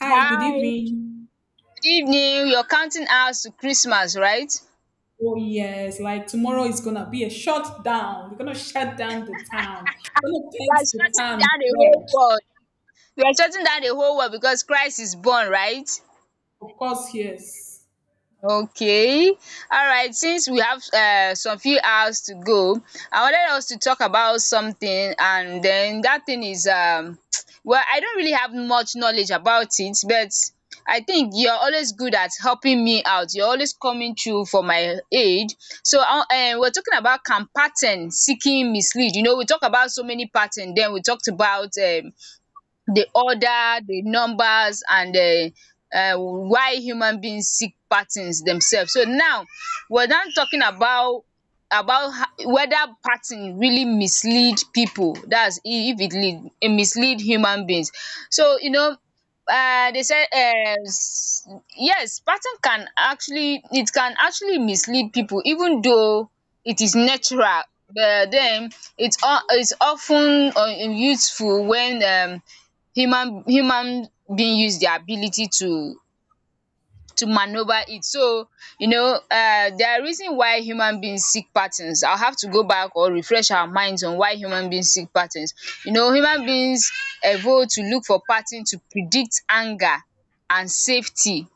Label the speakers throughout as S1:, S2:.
S1: Hi, good
S2: Hi,
S1: evening.
S2: good evening. You're counting hours to Christmas, right?
S1: Oh yes, like tomorrow is gonna be a shutdown. We're gonna shut down the town. We're gonna
S2: You
S1: paint
S2: are
S1: the
S2: shutting
S1: town
S2: down the whole
S1: red.
S2: world. You are shutting down the whole world because Christ is born, right?
S1: Of course, yes.
S2: Okay. Alright, since we have some few hours to go, I wanted us to talk about something and then that thing is well, I don't really have much knowledge about it, but I think you're always good at helping me out. You're always coming through for my aid. So we're talking about can pattern seeking mislead. You know, we talk about so many pattern, then we talked about the order, the numbers, and why human beings seek patterns themselves. So now we're not talking about whether pattern really mislead people. That's if it lead, it mislead human beings. So you know. They said yes, pattern can actually, it can actually mislead people, even though it is natural, but then it's often useful when, human being use their ability to maneuver it. So, you know, there are reason why human beings seek patterns. I'll have to go back or refresh our minds on why human beings seek patterns. You know, human beings evolve to look for pattern to predict anger and safety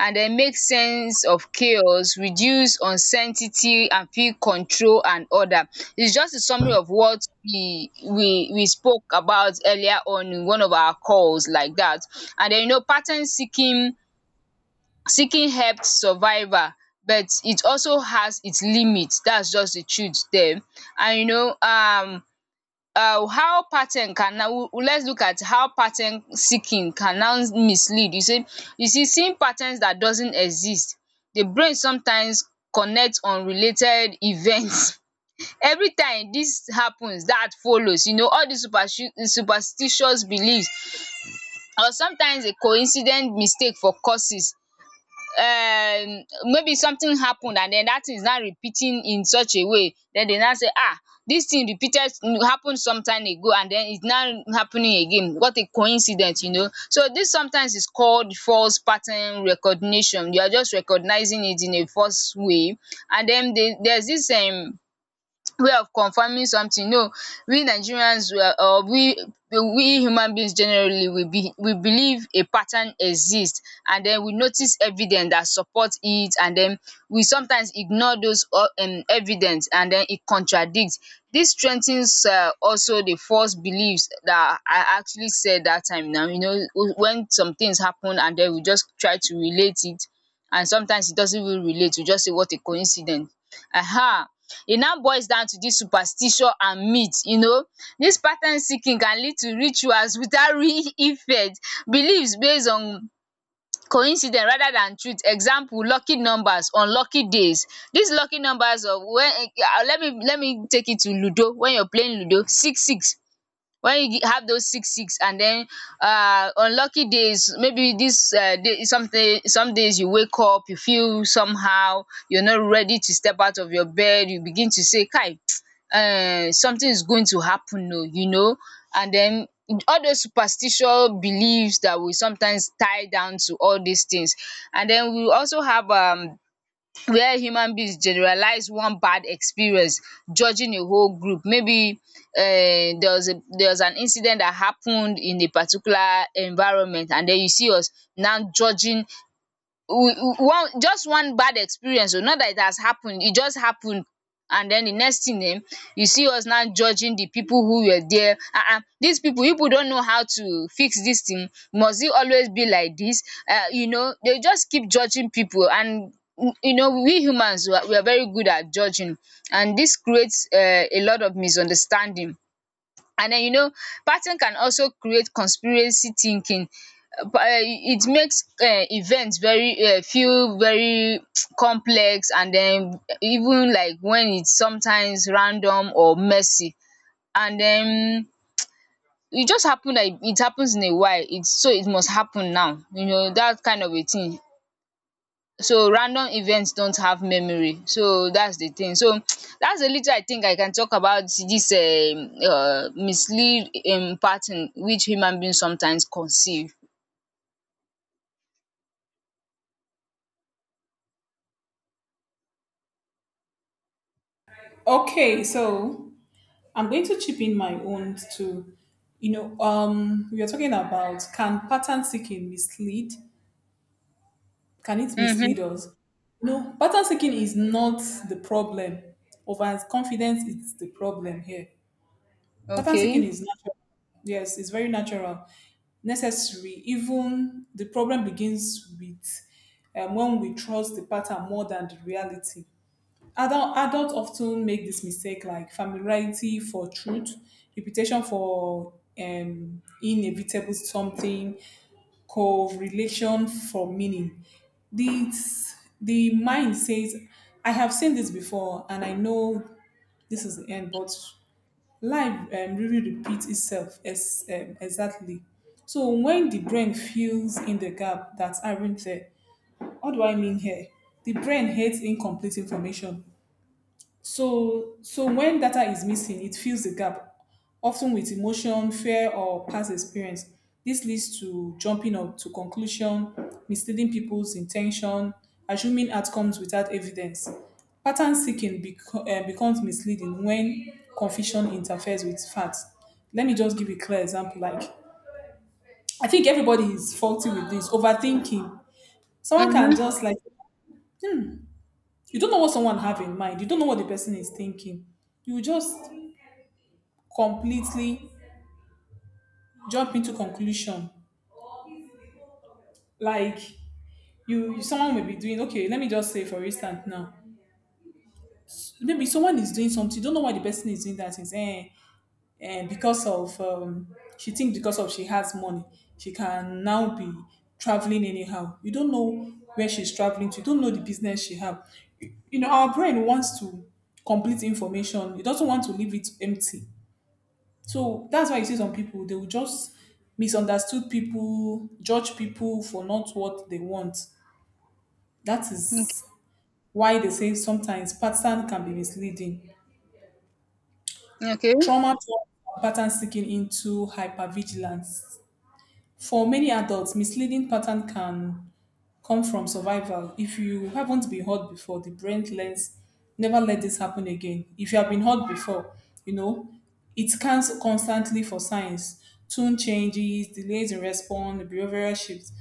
S2: and then make sense of chaos, reduce uncertainty and feel control and order. It's just a summary of what we spoke about earlier on in one of our calls like dat. And then you know, pattern seeking help survival, but it also has its limit. That's just the truth there. And you know, how pattern can now, let's look at how pattern seeking can now mislead. You see, seeing patterns that doesn't exist, the brain sometimes connect unrelated events. Every time this happens that follows, you know all these superstitious beliefs, or sometimes a coincident mistake for causes. Maybe something happened and then that thing is now repeating in such a way, then they now say, ah, this thing repeated happened some time ago and then it's now happening again. What a coincidence. You know, so this sometimes is called false pattern recognition. You are just recognizing it in a false way. And then they there's this way of confirming something. No, we Nigerians were, or we human beings generally, we believe a pattern exist and then we notice evidence that support it, and then we sometimes ignore those evidence and then it contradict. Dis strengthens also the false beliefs that I actually said dat time now. You know, when some things happen and then we just try to relate it, and sometimes it doesn't even relate. We just say, what a coincidence. um E now boils down to dis superstition and myth. You know, dis pattern seeking can lead to rituals without real effect, beliefs based on coincidence rather than truth. Example, lucky numbers on lucky days. Dis lucky numbers of when, let me take it to ludo. When you're playing ludo, six six, when you have those six six, and then uh, unlucky days, maybe this day, something, some days you wake up you feel somehow, you're not ready to step out of your bed, you begin to say kai, something is going to happen. No, you know. And then all those superstitious beliefs that we sometimes tie down to all these things. And then we also have where human beings generalize one bad experience, judging a whole group. Maybe there was a, there was an incident that happened in a particular environment, and then you see us now judging one, just one bad experience. O, not that it has happened, it just happened. And then the next thing, you see us now judging the people who were there. These people, you people don't know how to fix this thing, must it always be like this? You know, they just keep judging people. And you know, we humans, we are very good at judging, and this creates a lot of misunderstanding. And then you know, pattern can also create conspiracy thinking. It makes event very, feel very complex, and then even like when it's sometimes random or messy, and then e just happen, like it happens in a while. It's so it must happen now, you know, that kind of a thing. So random events don't have memory, so that's the thing. So that's a little, I think I can talk about this mislead pattern which human beings sometimes conceive.
S1: Okay, so I'm going to chip in my own too. You know, we are talking about can pattern seeking mislead? Can it
S2: Mm-hmm.
S1: mislead us? No, pattern seeking is not the problem. Overconfidence is the problem here. Pattern seeking
S2: Okay.
S1: is natural. Yes, it's very natural, necessary. Even the problem begins with when we trust the pattern more than the reality. Adults often make this mistake like familiarity for truth, reputation for inevitable something, correlation for meaning. This, the mind says, I have seen this before and I know this is the end, but life really repeat itself ex exactly. So when the brain fills in the gaps that aren't there, what do I mean here? The brain hates incomplete information. So when data is missing, it fills the gap, often with emotion, fear, or past experience. This leads to jumping up to conclusion, misleading people's intention, assuming outcomes without evidence. Pattern seeking becomes misleading when confusion interferes with facts. Let me just give a clear example. Like, I think everybody is faulty with this overthinking. Someone can
S2: Mm-hmm.
S1: just like you don't know what someone have in mind. You don't know what the person is thinking. You just completely jump into conclusion. Like someone may be doing. Okay, let me just say, for instance, now maybe someone is doing something. You don't know why the person is doing that. Because of she thinks because of she has money, she can now be traveling anyhow. You don't know where she's traveling to. You don't know the business she have. Our brain wants to complete information. It doesn't want to leave it empty. So that's why you see some people they will just misunderstood people, judge people for not what they want. That is
S2: Okay.
S1: why they say sometimes pattern can be misleading.
S2: Okay.
S1: Trauma turns pattern seeking into hypervigilance. For many adults, misleading pattern can come from survival. If you haven't been hurt before, the brain learns never let this happen again. If you have been hurt before, you know, it scans constantly for signs, tune changes, delays in response, behavioral shifts.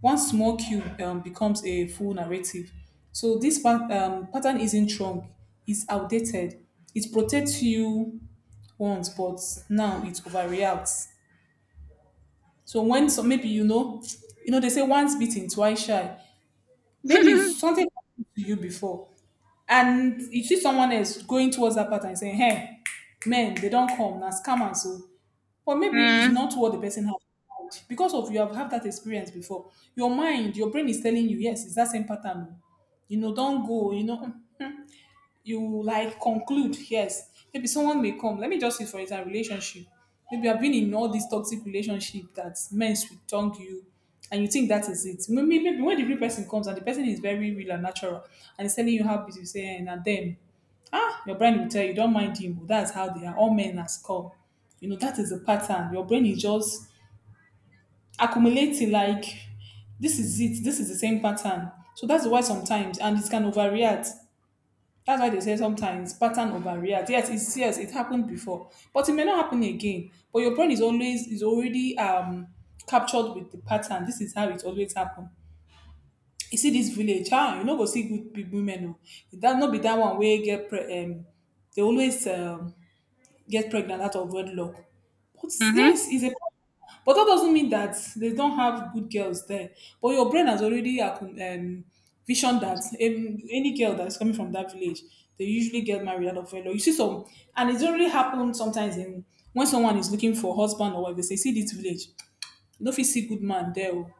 S1: One small cue becomes a full narrative. So this pattern isn't wrong, it's outdated. It protects you once, but now it overreacts. So maybe they say once bitten, twice shy. Maybe something happened to you before, and you see someone else going towards that pattern and saying, "Hey, men, they don't come, na scam and so." But maybe it's
S2: Mm.
S1: not what the person has in mind, because of you have had that experience before. Your mind, your brain is telling you, "Yes, it's that same pattern. Oh. You know, don't go. You know." You like conclude, yes maybe someone may come. Let me just use for example relationship. Maybe I've been in all these toxic relationship that men with tongue you, and you think that is it. Maybe when the real person comes and the person is very real and natural and is telling you how busy you say, and then your brain will tell you don't mind him, but that's how they are, all men are come. You know that is the pattern, your brain is just accumulating like this is it, this is the same pattern. So that's why sometimes and it can overreact. That's why they say sometimes pattern overreact. Yes, it happened before, but it may not happen again. But your brain is always is already captured with the pattern. This is how it always happen. You see this village, you no go see good big women. Oh. That not be that one where get they always get pregnant out of wedlock. But
S2: Mm-hmm.
S1: yes, it's a but that doesn't mean that they don't have good girls there. But your brain has already visioned that any girl that's coming from that village, they usually get married out of wedlock. You see some, and it's already happened sometimes in when someone is looking for husband or wife, they say, see this village, you know if see good man there. Oh."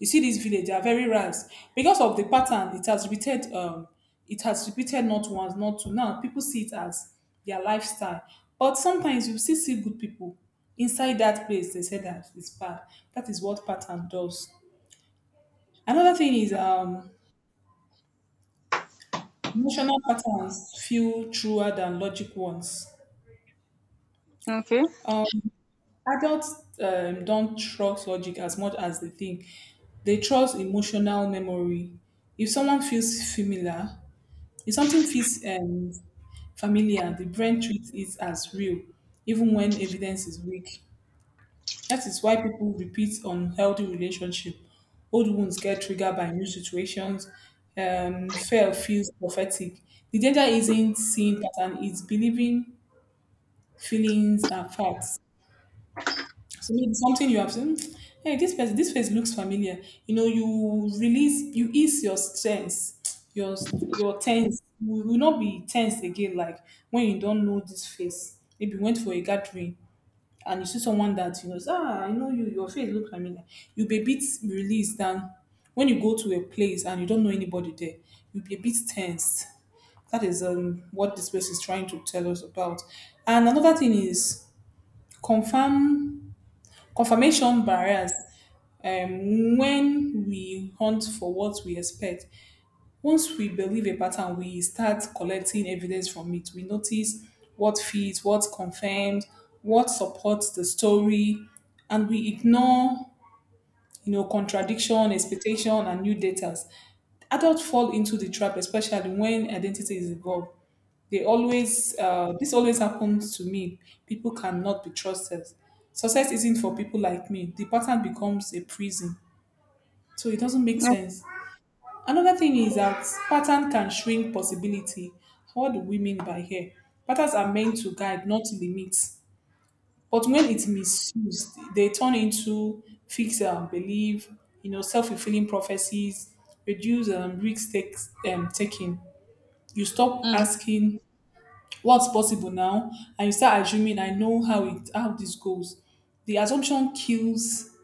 S1: You see this village, they are very ranks. Because of the pattern, it has repeated not once, not two. Now people see it as their lifestyle. But sometimes you still see good people inside that place. They say that it's bad. That is what pattern does. Another thing is emotional patterns feel truer than logic ones.
S2: Okay.
S1: Adults don't trust logic as much as they think. They trust emotional memory. If someone feels familiar, If something feels familiar, the brain treats it as real, even when evidence is weak. That is why people repeat unhealthy relationship. Old wounds get triggered by new situations. Fear feels prophetic. The danger isn't seeing pattern; it's believing feelings are facts. So maybe something you have seen. Hey, this face looks familiar. You release, you ease your stress, your tense. You will not be tense again. Like when you don't know this face. Maybe you went for a gathering and you see someone that you know. Ah, I know you. Your face looks familiar. You'll be a bit released than when you go to a place and you don't know anybody there. You'll be a bit tense. That is what this place is trying to tell us about. And another thing is confirm confirmation bias, when we hunt for what we expect. Once we believe a pattern, we start collecting evidence from it. We notice what fits, what confirms, what supports the story, and we ignore, contradiction, expectation, and new data. Adults fall into the trap, especially when identity is involved. This always happens to me. People cannot be trusted. Success isn't for people like me. The pattern becomes a prison. So it doesn't make sense. Another thing is that pattern can shrink possibility. What do we mean by here? Patterns are meant to guide, not to limit. But when it's misused, they turn into fix belief, self-fulfilling prophecies, reduce risk taking. You stop
S2: Mm-hmm.
S1: asking what's possible now, and you start assuming I know how this goes. The assumption kills,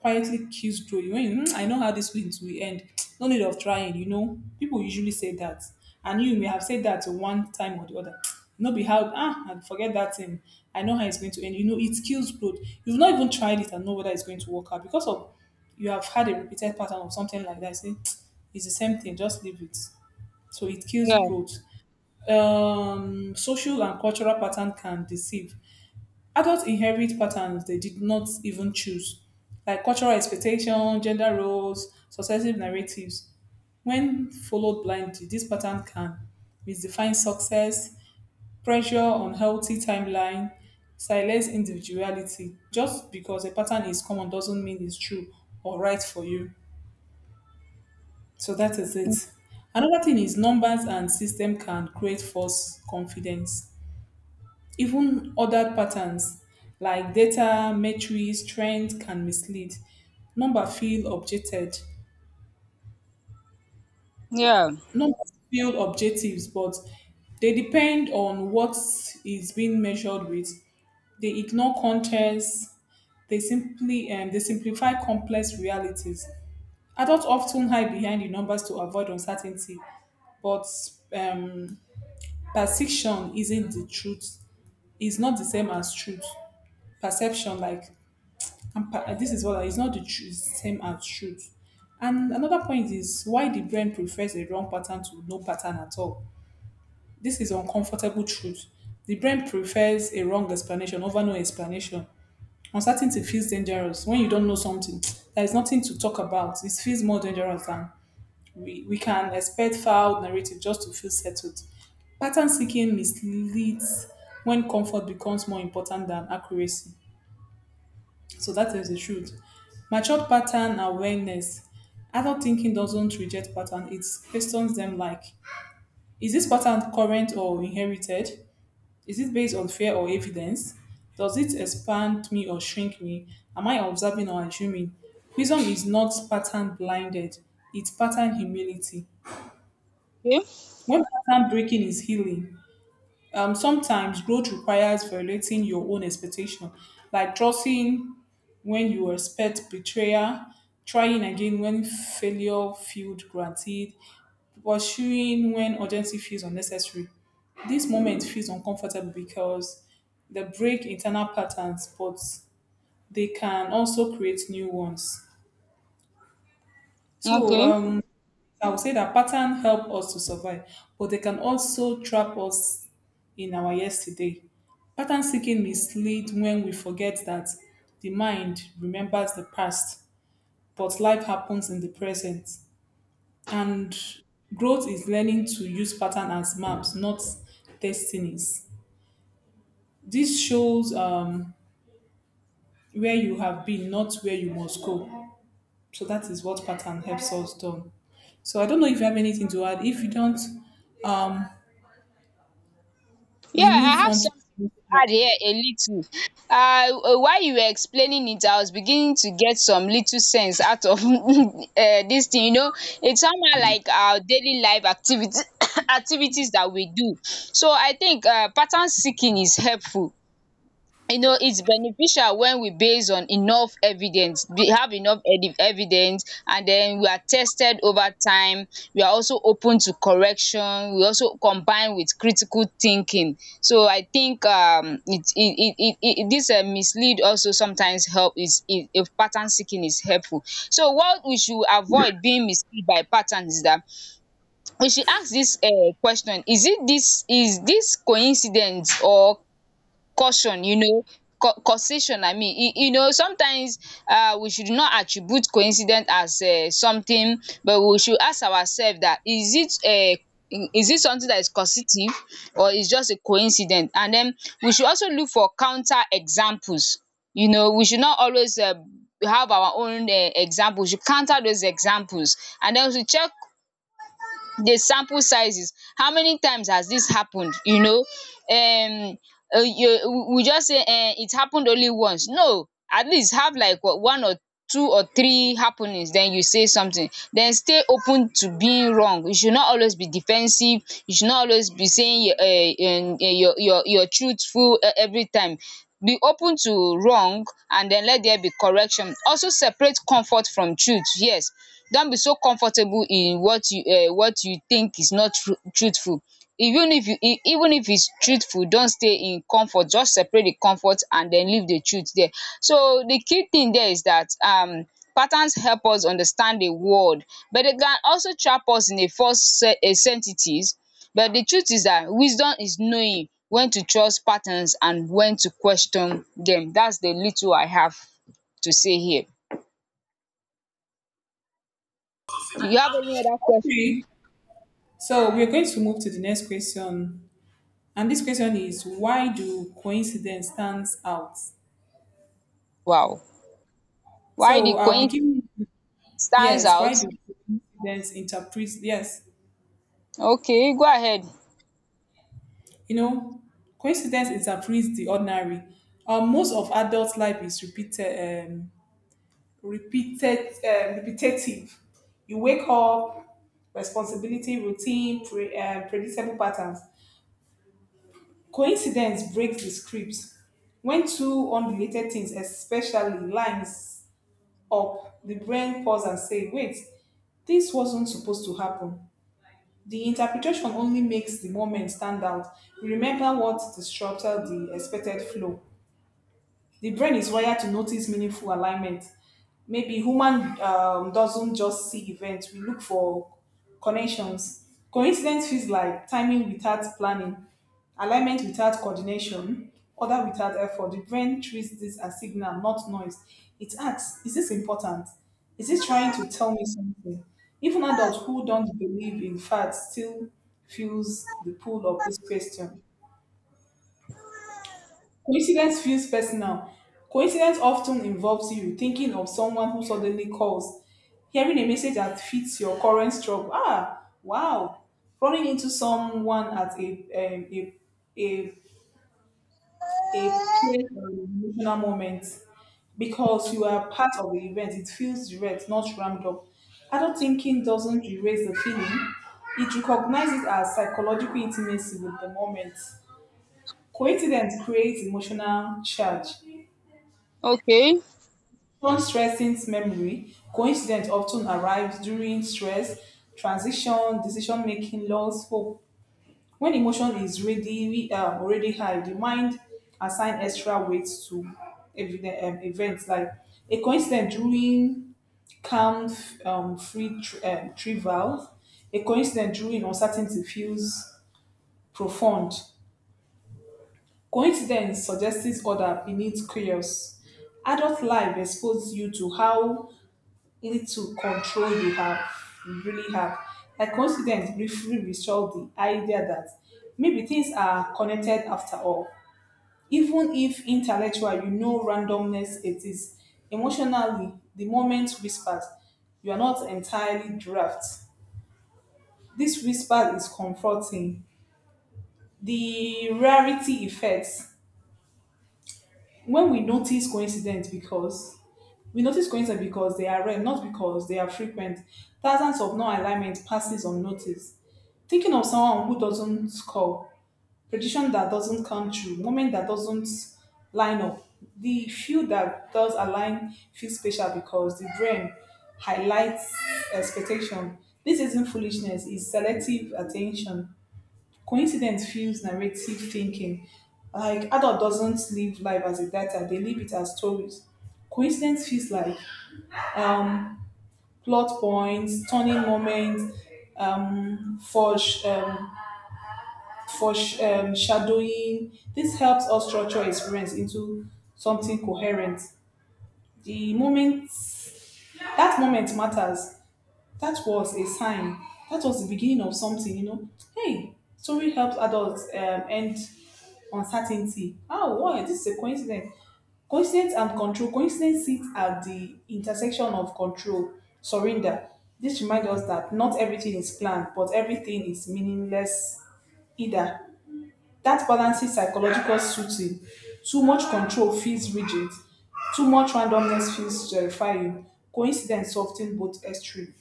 S1: quietly kills growth when you, "Hmm, I know how this wins will end, no need of trying." you know people usually say that, and you may have said that one time or the other. no be how, I forget that thing. I know how it's going to end. You know it kills growth. You've not even tried it and know whether it's going to work out, because of you have had a repeated pattern of something like that, say it's the same thing, just leave it. So it kills
S2: Yeah.
S1: growth. Social and cultural pattern can deceive. Adults inherit patterns they did not even choose, like cultural expectation, gender roles, successive narratives. When followed blindly, this pattern can misdefine success, pressure on healthy timeline, silence individuality. Just because a pattern is common doesn't mean it's true or right for you. So that is it. Another thing is numbers and system can create false confidence. Even ordered patterns like data, metrics, trends can mislead. Number feel objected.
S2: Yeah.
S1: Numbers feel objectives, but they depend on what is being measured with. They ignore context. They simply and they simplify complex realities. Adults often hide behind the numbers to avoid uncertainty, but um, perception isn't the truth. It's not the same as truth. Perception, like And this is what it's not the same as truth. And another point is why the brain prefers a wrong pattern to no pattern at all. This is uncomfortable truth. The brain prefers a wrong explanation over no explanation. Uncertainty feels dangerous when you don't know something. There is nothing to talk about. It feels more dangerous than we can expect filed narrative just to feel settled. Pattern seeking misleads when comfort becomes more important than accuracy. So that is the truth. Matured pattern awareness. Adult thinking doesn't reject pattern, it questions them like, is this pattern current or inherited? Is it based on fear or evidence? Does it expand me or shrink me? Am I observing or assuming? Wisdom is not pattern blinded, it's pattern humility.
S2: Okay.
S1: When pattern breaking is healing, sometimes growth requires violating your own expectation, like trusting when you expect betrayal, trying again when failure feels granted, pursuing when urgency feels unnecessary. This moment feels uncomfortable because they break internal patterns, but they can also create new ones. So
S2: Okay.
S1: um, I would say that patterns help us to survive, but they can also trap us in our yesterday. Pattern seeking mislead when we forget that the mind remembers the past but life happens in the present. And growth is learning to use pattern as maps, not destinies. This shows where you have been, not where you must go. So that is what pattern helps us do. So I don't know if you have anything to add. If you don't, um,
S2: Yeah,
S1: we
S2: I
S1: move
S2: have
S1: on to
S2: some add here a little. Uh, while you were explaining it, I was beginning to get some little sense out of this thing. You know, it's somehow like our daily life activity activities that we do. So I think pattern seeking is helpful. You know, it's beneficial when we base on enough evidence, we have enough edi evidence, and then we are tested over time, we are also open to correction, we also combine with critical thinking. So I think it this mislead also sometimes help is, if pattern seeking is helpful, so what we should avoid being misled by pattern is that we should ask this question, is it, this, is this coincidence or caution, you know, causation, I mean. You know, sometimes we should not attribute coincidence as something, but we should ask ourselves that, is it something that is causative or is just a coincidence. And then we should also look for counter examples. You know, we should not always have our own example, we should counter those examples, and then we should check the sample sizes, how many times has this happened. You know, um we just say, eh, it happened only once. No, at least have like what, one or two or three happenings, then you say something. Then stay open to being wrong. You should not always be defensive. You should not always be saying, your truthful every time. Be open to wrong and then let there be correction. Also separate comfort from truth. Yes, don't be so comfortable in what you think is not truthful. Even if you e even if it's truthful, don't stay in comfort, just separate the comfort and then leave the truth there. So the key thing there is that patterns help us understand the world, but they can also trap us in a false a sensitives, but the truth is that wisdom is knowing when to trust patterns and when to question them. That's the little I have to say here. You have any other question?
S1: okay. So we're going to move to the next question. And this question is, why do coincidence stands out?
S2: Wow. Why the
S1: So I'll
S2: coin
S1: begin.
S2: stands
S1: Yes, why
S2: out?
S1: do coincidence interpret? Yes,
S2: Okay, go ahead.
S1: you know, coincidence interprets the ordinary. Most of adult life is repeated, repetitive. You wake up, responsibility, routine, predictable patterns. Coincidence breaks the script. When two unrelated things, especially lines up, the brain pause and say, "Wait, this wasn't supposed to happen." The interpretation only makes the moment stand out. Remember what disrupted the expected flow. The brain is wired to notice meaningful alignment. Maybe human doesn't just see events; we look for connections. Coincidence feels like timing without planning, alignment without coordination, order without effort. The brain treats this as signal, not noise. It asks, "Is this important? Is this trying to tell me something?" Even adults who don't believe in facts still feels the pull of this question. Coincidence feels personal. Coincidence often involves you thinking of someone who suddenly calls, hearing a message that fits your current struggle. Ah, wow. Running into someone at a, a peer emotional moment because you are part of the event. It feels direct, not rammed up. Adult thinking doesn't erase the feeling, it recognizes it as psychological intimacy with the moment. Coincidence creates emotional charge.
S2: Okay.
S1: One stressing's memory, coincidence often arrives during stress, transition, decision making, loss, hope. When emotion is ready, we are already high. The mind assign extra weight to events like a coincidence during calm, free, trivial. A coincidence during uncertainty feels profound. Coincidence suggests order beneath chaos. Adult life exposes you to how little control you have, you really have. Like coincidence briefly resolved the idea that maybe things are connected after all. Even if intellectual, you know randomness it is. Emotionally, the moment whispers, you are not entirely draft. This whisper is comforting. The rarity effects. When we notice coincidence because We notice coincidence because they are rare, not because they are frequent. Thousands of non-alignment passes unnoticed. Thinking of someone who doesn't call, prediction that doesn't come true, moment that doesn't line up. The few that does align feel special because the brain highlights expectation. This isn't foolishness, it's selective attention. Coincidence fuels narrative thinking. Like adult doesn't live life as a data, they live it as stories. Coincidence feels like um, plot points, turning moments, um, foresh- um, foreshadowing. This helps us structure experience into something coherent. The moment that moment matters. That was a sign. That was the beginning of something, you know. Hey, story helps adults end uncertainty. Oh, wow, this is a coincidence. Coincidence and control. Coincidence sits at the intersection of control, surrender. This reminds us that not everything is planned, but everything is meaningless either. That balances psychological soothing. Too much control feels rigid. Too much randomness feels terrifying. Coincidence softens both extremes.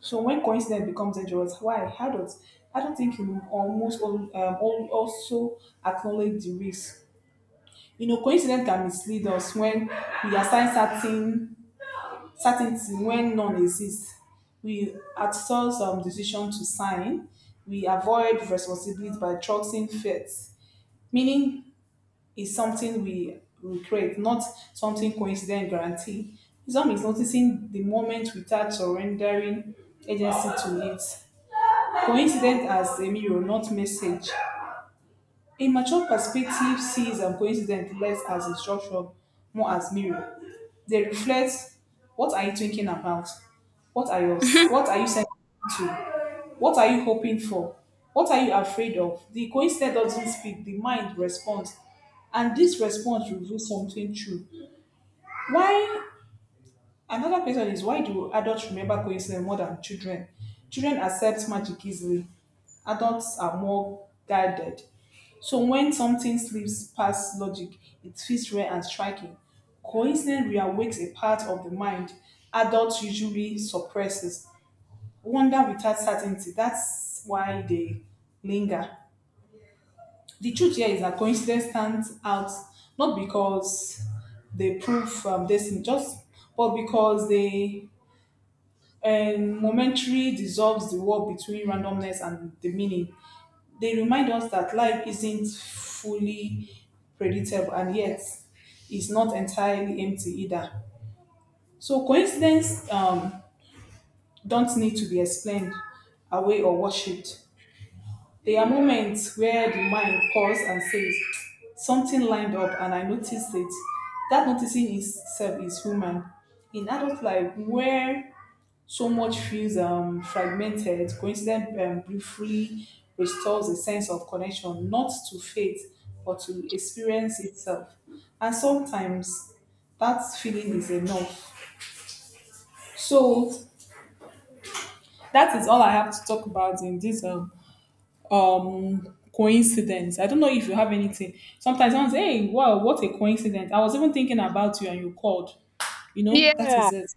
S1: So when coincidence becomes dangerous, why? Adults, I don't think you also acknowledge the risk. You know, coincidence can mislead us when we assign certainty when none exists. We outsource decision to sign. We avoid responsibility by trusting fate. Meaning is something we create, not something coincident guarantee. Wisdom is noticing the moment without surrendering agency to it. Coincidence as a mirror, not message. A mature perspective sees coincidence less as instruction, more as mirror. They reflect, what are you thinking about? What are your, what are you sensitive to? What are you hoping for? What are you afraid of? The coincidence doesn't speak, the mind responds. And this response reveals something true. Why Another question is, why do adults remember coincidence more than children? Children accept magic easily. Adults are more guided. So when something slips past logic, it feels rare and striking. Coincidence reawakes a part of the mind adults usually suppresses. Wonder without certainty. That's why they linger. The truth here is that coincidence stands out not because they prove destiny, just but because they and momentary dissolves the wall between randomness and the meaning. They remind us that life isn't fully predictable and yet is not entirely empty either. So coincidence don't need to be explained away or worshipped. There are moments where the mind pauses and says, something lined up and I noticed it. That noticing itself is human. In adult life, where so much feels fragmented. Coincident briefly restores a sense of connection, not to faith, but to experience itself. And sometimes that feeling is enough. So that is all I have to talk about in this coincidence. I don't know if you have anything. Sometimes someone say, "Hey, wow, what a coincidence! I was even thinking about you, and you called." You know, that is
S2: Yeah,
S1: it.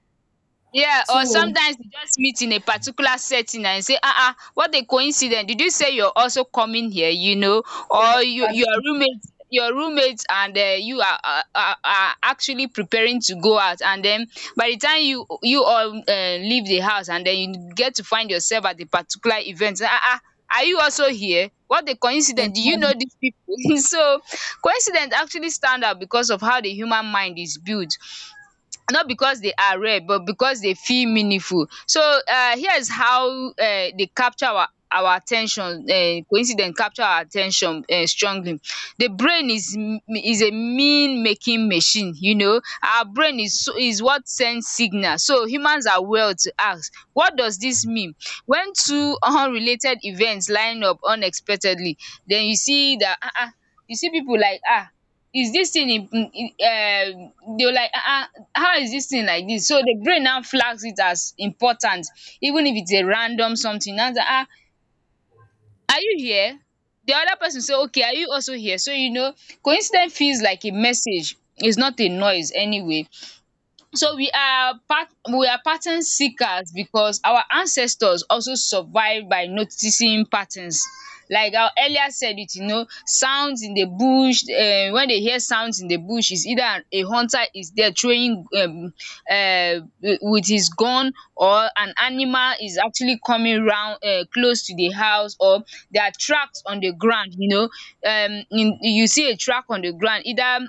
S2: yeah, or
S1: So
S2: sometimes you just meet in a particular setting and say, "Ah ah, what a coincidence. Did you say you're also coming here?" You know, or you
S1: that's,
S2: your roommate, and you are actually preparing to go out, and then by the time you all leave the house and then you get to find yourself at a particular event, "Ah ah, are you also here? What a
S1: yes,
S2: coincidence. Do you know
S1: that-
S2: these people?" So coincidence actually stand out because of how the human mind is built, not because they are rare but because they feel meaningful. So here is how they capture our at ten tion. Coincidence capture our at ten tion strongly. The brain is is a mean making machine, you know. Our brain is is what sends signal, so humans are wired to ask, what does this mean? When two unrelated events line up unexpectedly, then you see that you see pipu like, is this thing, they will like, how is this thing like this? So the brain now flags it as important, even if it's a random something. Now say, are you here? The other person say, okay, are you also here? So you know, coincidence feels like a message. It's not a noise anyway. So we are pattern seekers because our ancestors also survived by noticing patterns. Like I earlier said it, sounds in the bush, when they hear sounds in the bush is either a hunter is there throwing um with his gun, or an animal is actually coming round close to the house, or there are tracks on the ground. In You see a track on the ground, either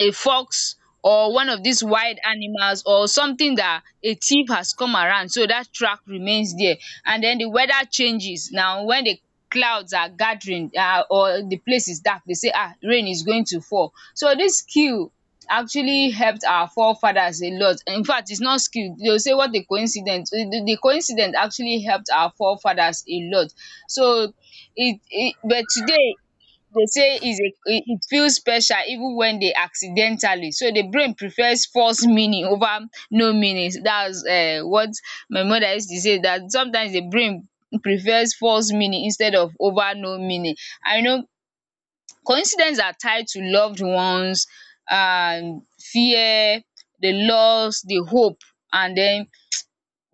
S2: a fox or one of these wild animals, or something that a thief has come around, so that track remains there. And then the weather changes now. When the clouds are gathering, or the place is dark, they say rain is going to fall. So this skill actually helped our forefathers a lot. Infact, it's not skill, they will say what a coincidence. The coincidence actually helped our forefathers a lot. So it but today they say is a it it feels special even when they accidentally, so the brain prefers false meaning over no meaning. That's what my mother used to say, that sometimes the brain prefers false meaning instead of over no meaning. I know coincidence are tied to loved ones and fear, the loss, the hope, and then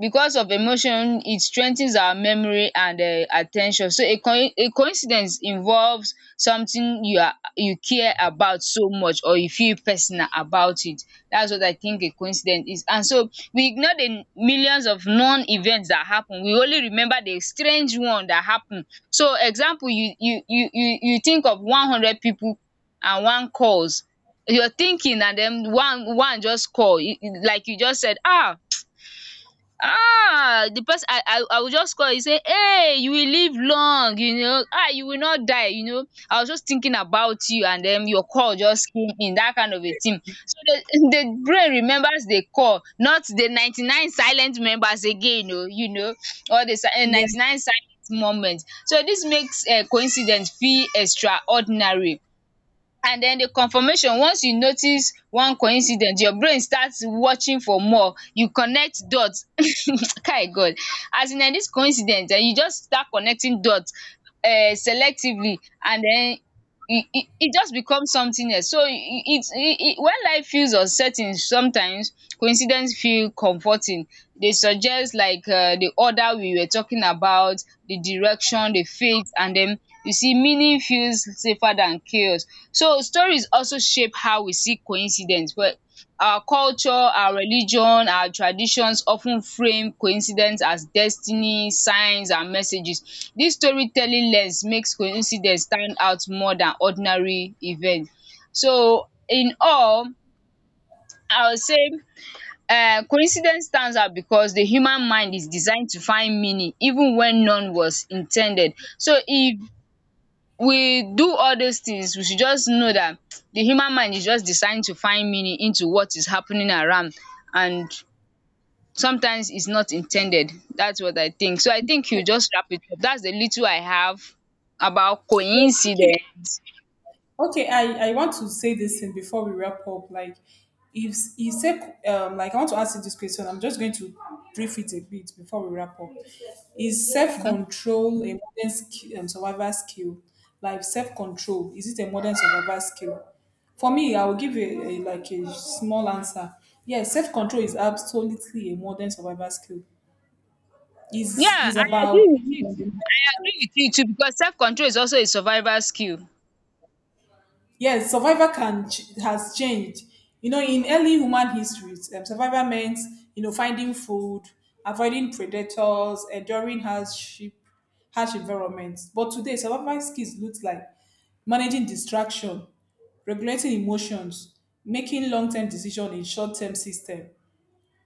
S2: because of emotion it strengthens our memory. And at so a coincidence involves something you are, you care about so much, or you feel personal about it. That's what I think a coincidence is. And so we ignore the millions of known events that happen, we only remember the strange one that happen. So example, you think of 100 people and one calls, you're thinking and then one one just call. Like you just said, ah, um the person, I will just call you, say hey, you will live long, you know, you will not die, you know, I was just thinking about you and den your call just came in, that kind of a thing. So the the brain remembers the call, not the 99 silent members again, oo, you know, or the
S1: yes.
S2: 99 silent moment. So dis makes coincidence feel extraordinary. And den the confirmation, once you notice one coincidence your brain starts watching for more, you connect dot. Kai God, as in dis coincidence, you just start connecting dot, selectively. And den it just becomes something else. So it's it it when life feels uncertain sometimes, coincidence feel comforting. Dey suggest like, the order we were talking about, the direction, the faith, and then you see meaning feels safer than chaos. So stories also shape how we see coincidence well. Our culture, our religion, our traditions often frame coincidence as destiny, signs and messages. This storytelling lens makes coincidence stand out more than ordinary event. So in all, I would say coincidence stands out because the human mind is designed to find meaning even when none was intended. So if we do all those things, we should just know that the human mind is just designed to find meaning into what is happening around, and sometimes it's not intended. That's what I think. So I think you just wrap it up. That's the little I have about
S1: Okay.
S2: coincidence.
S1: Okay, I want to say this thing before we wrap up. Like, if you say, like, I want to ask you this question. I'm just going to brief it a bit before we wrap up. Is self
S2: Mhm.
S1: control a modern skill, survival skill? Like, self control, is it a modern survival skill? For me, I will give like a small answer. Yes, self control is absolutely a modern survival skill.
S2: Yeah,
S1: Is
S2: I agree
S1: about
S2: with you too.
S1: um,
S2: I agree with you too, because self control is also a survival skill.
S1: yes, survivor has changed. You know, in early human histories, survivor meant you know finding food, avoiding predators, enduring hardship, harsh environments. But today, survival skills look like managing distraction, regulating emotions, making long-term decision in short-term system.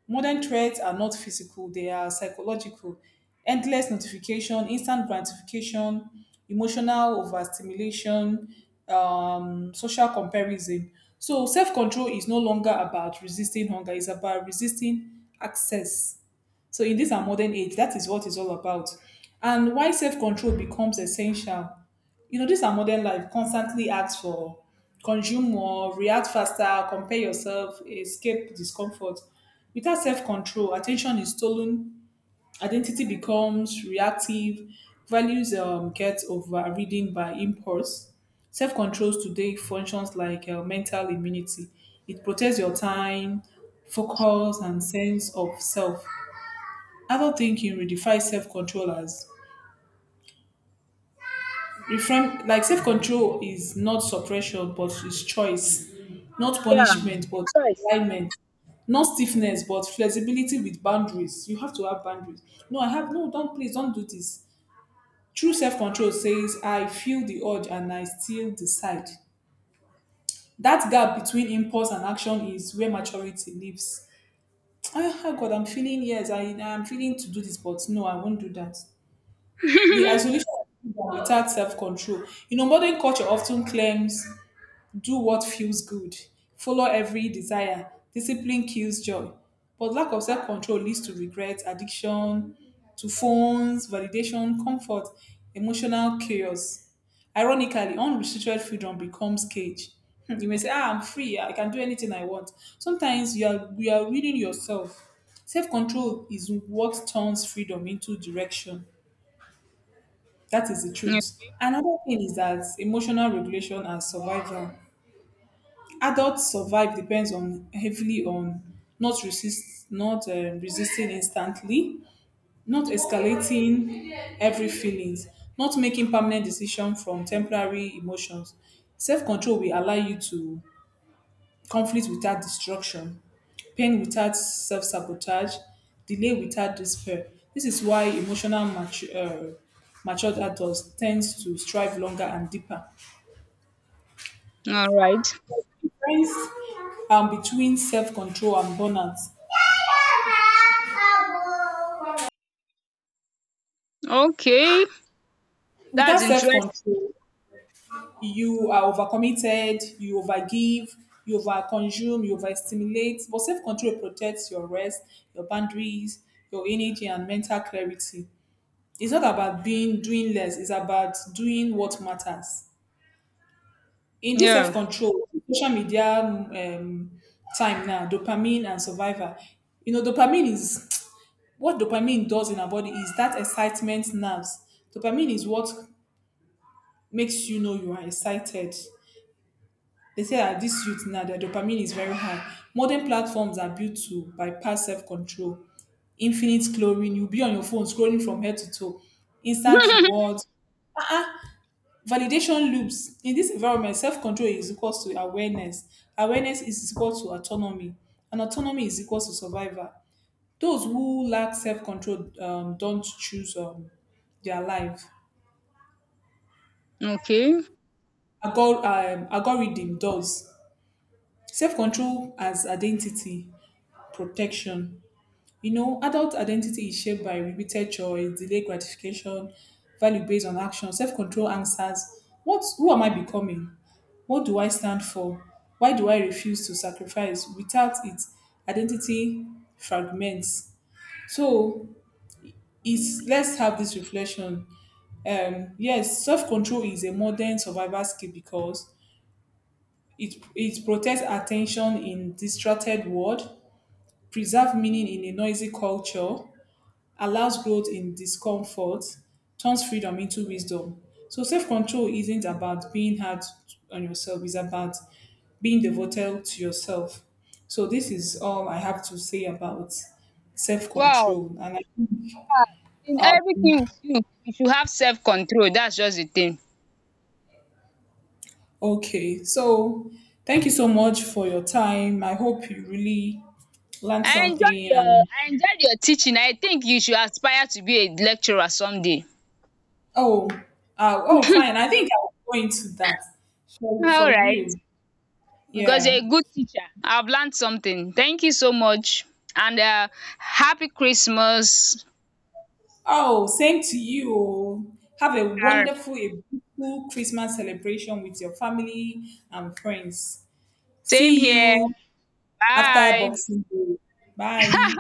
S1: Modern threats are not physical, they are psychological. Endless notification, instant gratification, emotional overstimulation, social comparison. So self-control is no longer about resisting hunger, it's about resisting access. So in this our modern age, that is what it's all about. And why self-control becomes essential. You know, this our modern life constantly asks for consume more, react faster, compare yourself, escape discomfort. Without self-control, attention is stolen, identity becomes reactive, values get overridden by impulse. Self-control today functions like mental immunity. It protects your time, focus, and sense of self. Adult thinking redefines self-control as reframe, like self-control is not suppression but is choice, not
S2: Yeah,
S1: punishment but
S2: choice.
S1: alignment, not stiffness but flexibility with boundaries. You have to have boundaries. No, I have no, don't, please don't do this. True self-control says, I feel the urge and I still decide. That gap between impulse and action is where maturity lives. Ah, ah, God, I'm feeling yes, I'm feeling to do this, but no, I won't do that. The isolation of freedom without self-control. You know, modern culture often claims do what feels good, follow every desire, discipline kills joy. But lack of self-control leads to regret, addiction, to phones, validation, comfort, emotional chaos. Ironically, unrestricted freedom becomes cage. Hmm, you may say, ah, I'm free, I can do anything I want. Sometimes you are reading yourself. Self-control is what turns freedom into direction. That is the
S2: Yeah.
S1: truth. Another thing is that emotional regulation and survival. Adults survive depends on heavily on not resist, not resisting instantly, not escalating every feelings, not making permanent decision from temporary emotions. Self control will allow you to conflict without destruction, pain without self sabotage, delay without despair. This is why emotional matured adults tends to strive longer and deeper.
S2: All right.
S1: Difference between self control and burnout.
S2: Okay.
S1: Without
S2: That's
S1: self
S2: interesting.
S1: control, you are overcommitted, you overgive, you overconsume, you overstimulate. But self control protects your rest, your boundaries, your energy, and mental clarity. It's not about being doing less. It's about doing what matters. In this self
S2: Yeah.
S1: control, social media time now, dopamine and survivor. You know, dopamine is what dopamine does in our body is that excitement nerves. Dopamine is what makes you know you are excited. They say that this youth now, their dopamine is very high. Modern platforms are built to bypass self control infinite chlorine. You'll be on your phone scrolling from head to toe. Instant rewards, validation loops. In this environment, self-control is equal to awareness. Awareness is equal to autonomy. And autonomy is equal to survival. Those who lack self-control don't choose their life.
S2: Okay.
S1: Algorithm does. Self-control as identity protection. You know, adult identity is shaped by repeated choice, delayed gratification, value based on action, self control answers. What, who am I becoming? What do I stand for? Why do I refuse to sacrifice? Without it, identity fragments. So, it's, let's have this reflection. Yes, self control is a modern survival skill because it protects attention in distracted world, preserve meaning in a noisy culture, allows growth in discomfort, turns freedom into wisdom. So self control isn't about being hard on yourself, it's about being devoted to yourself. So this is all I have to say about self
S2: Wow.
S1: control. And I,
S2: In
S1: uh,
S2: everything we do, we should have self control. That's just the thing.
S1: okay, so thank you so much for your time. I hope you really learned something. And
S2: I enjoyed your teaching. I think you should aspire to be a lecturer someday.
S1: oh, oh, fine. I think I'll go into that for
S2: Alright,
S1: real.
S2: because
S1: Yeah.
S2: you're a good teacher. I've learned something. Thank you so much, and happy Christmas.
S1: Oh, same to you. Oh. Have a
S2: Alright.
S1: wonderful, a beautiful Christmas celebration with your family and friends.
S2: Same
S1: See
S2: here.
S1: you after
S2: Bye.
S1: Boxing Day. Bye.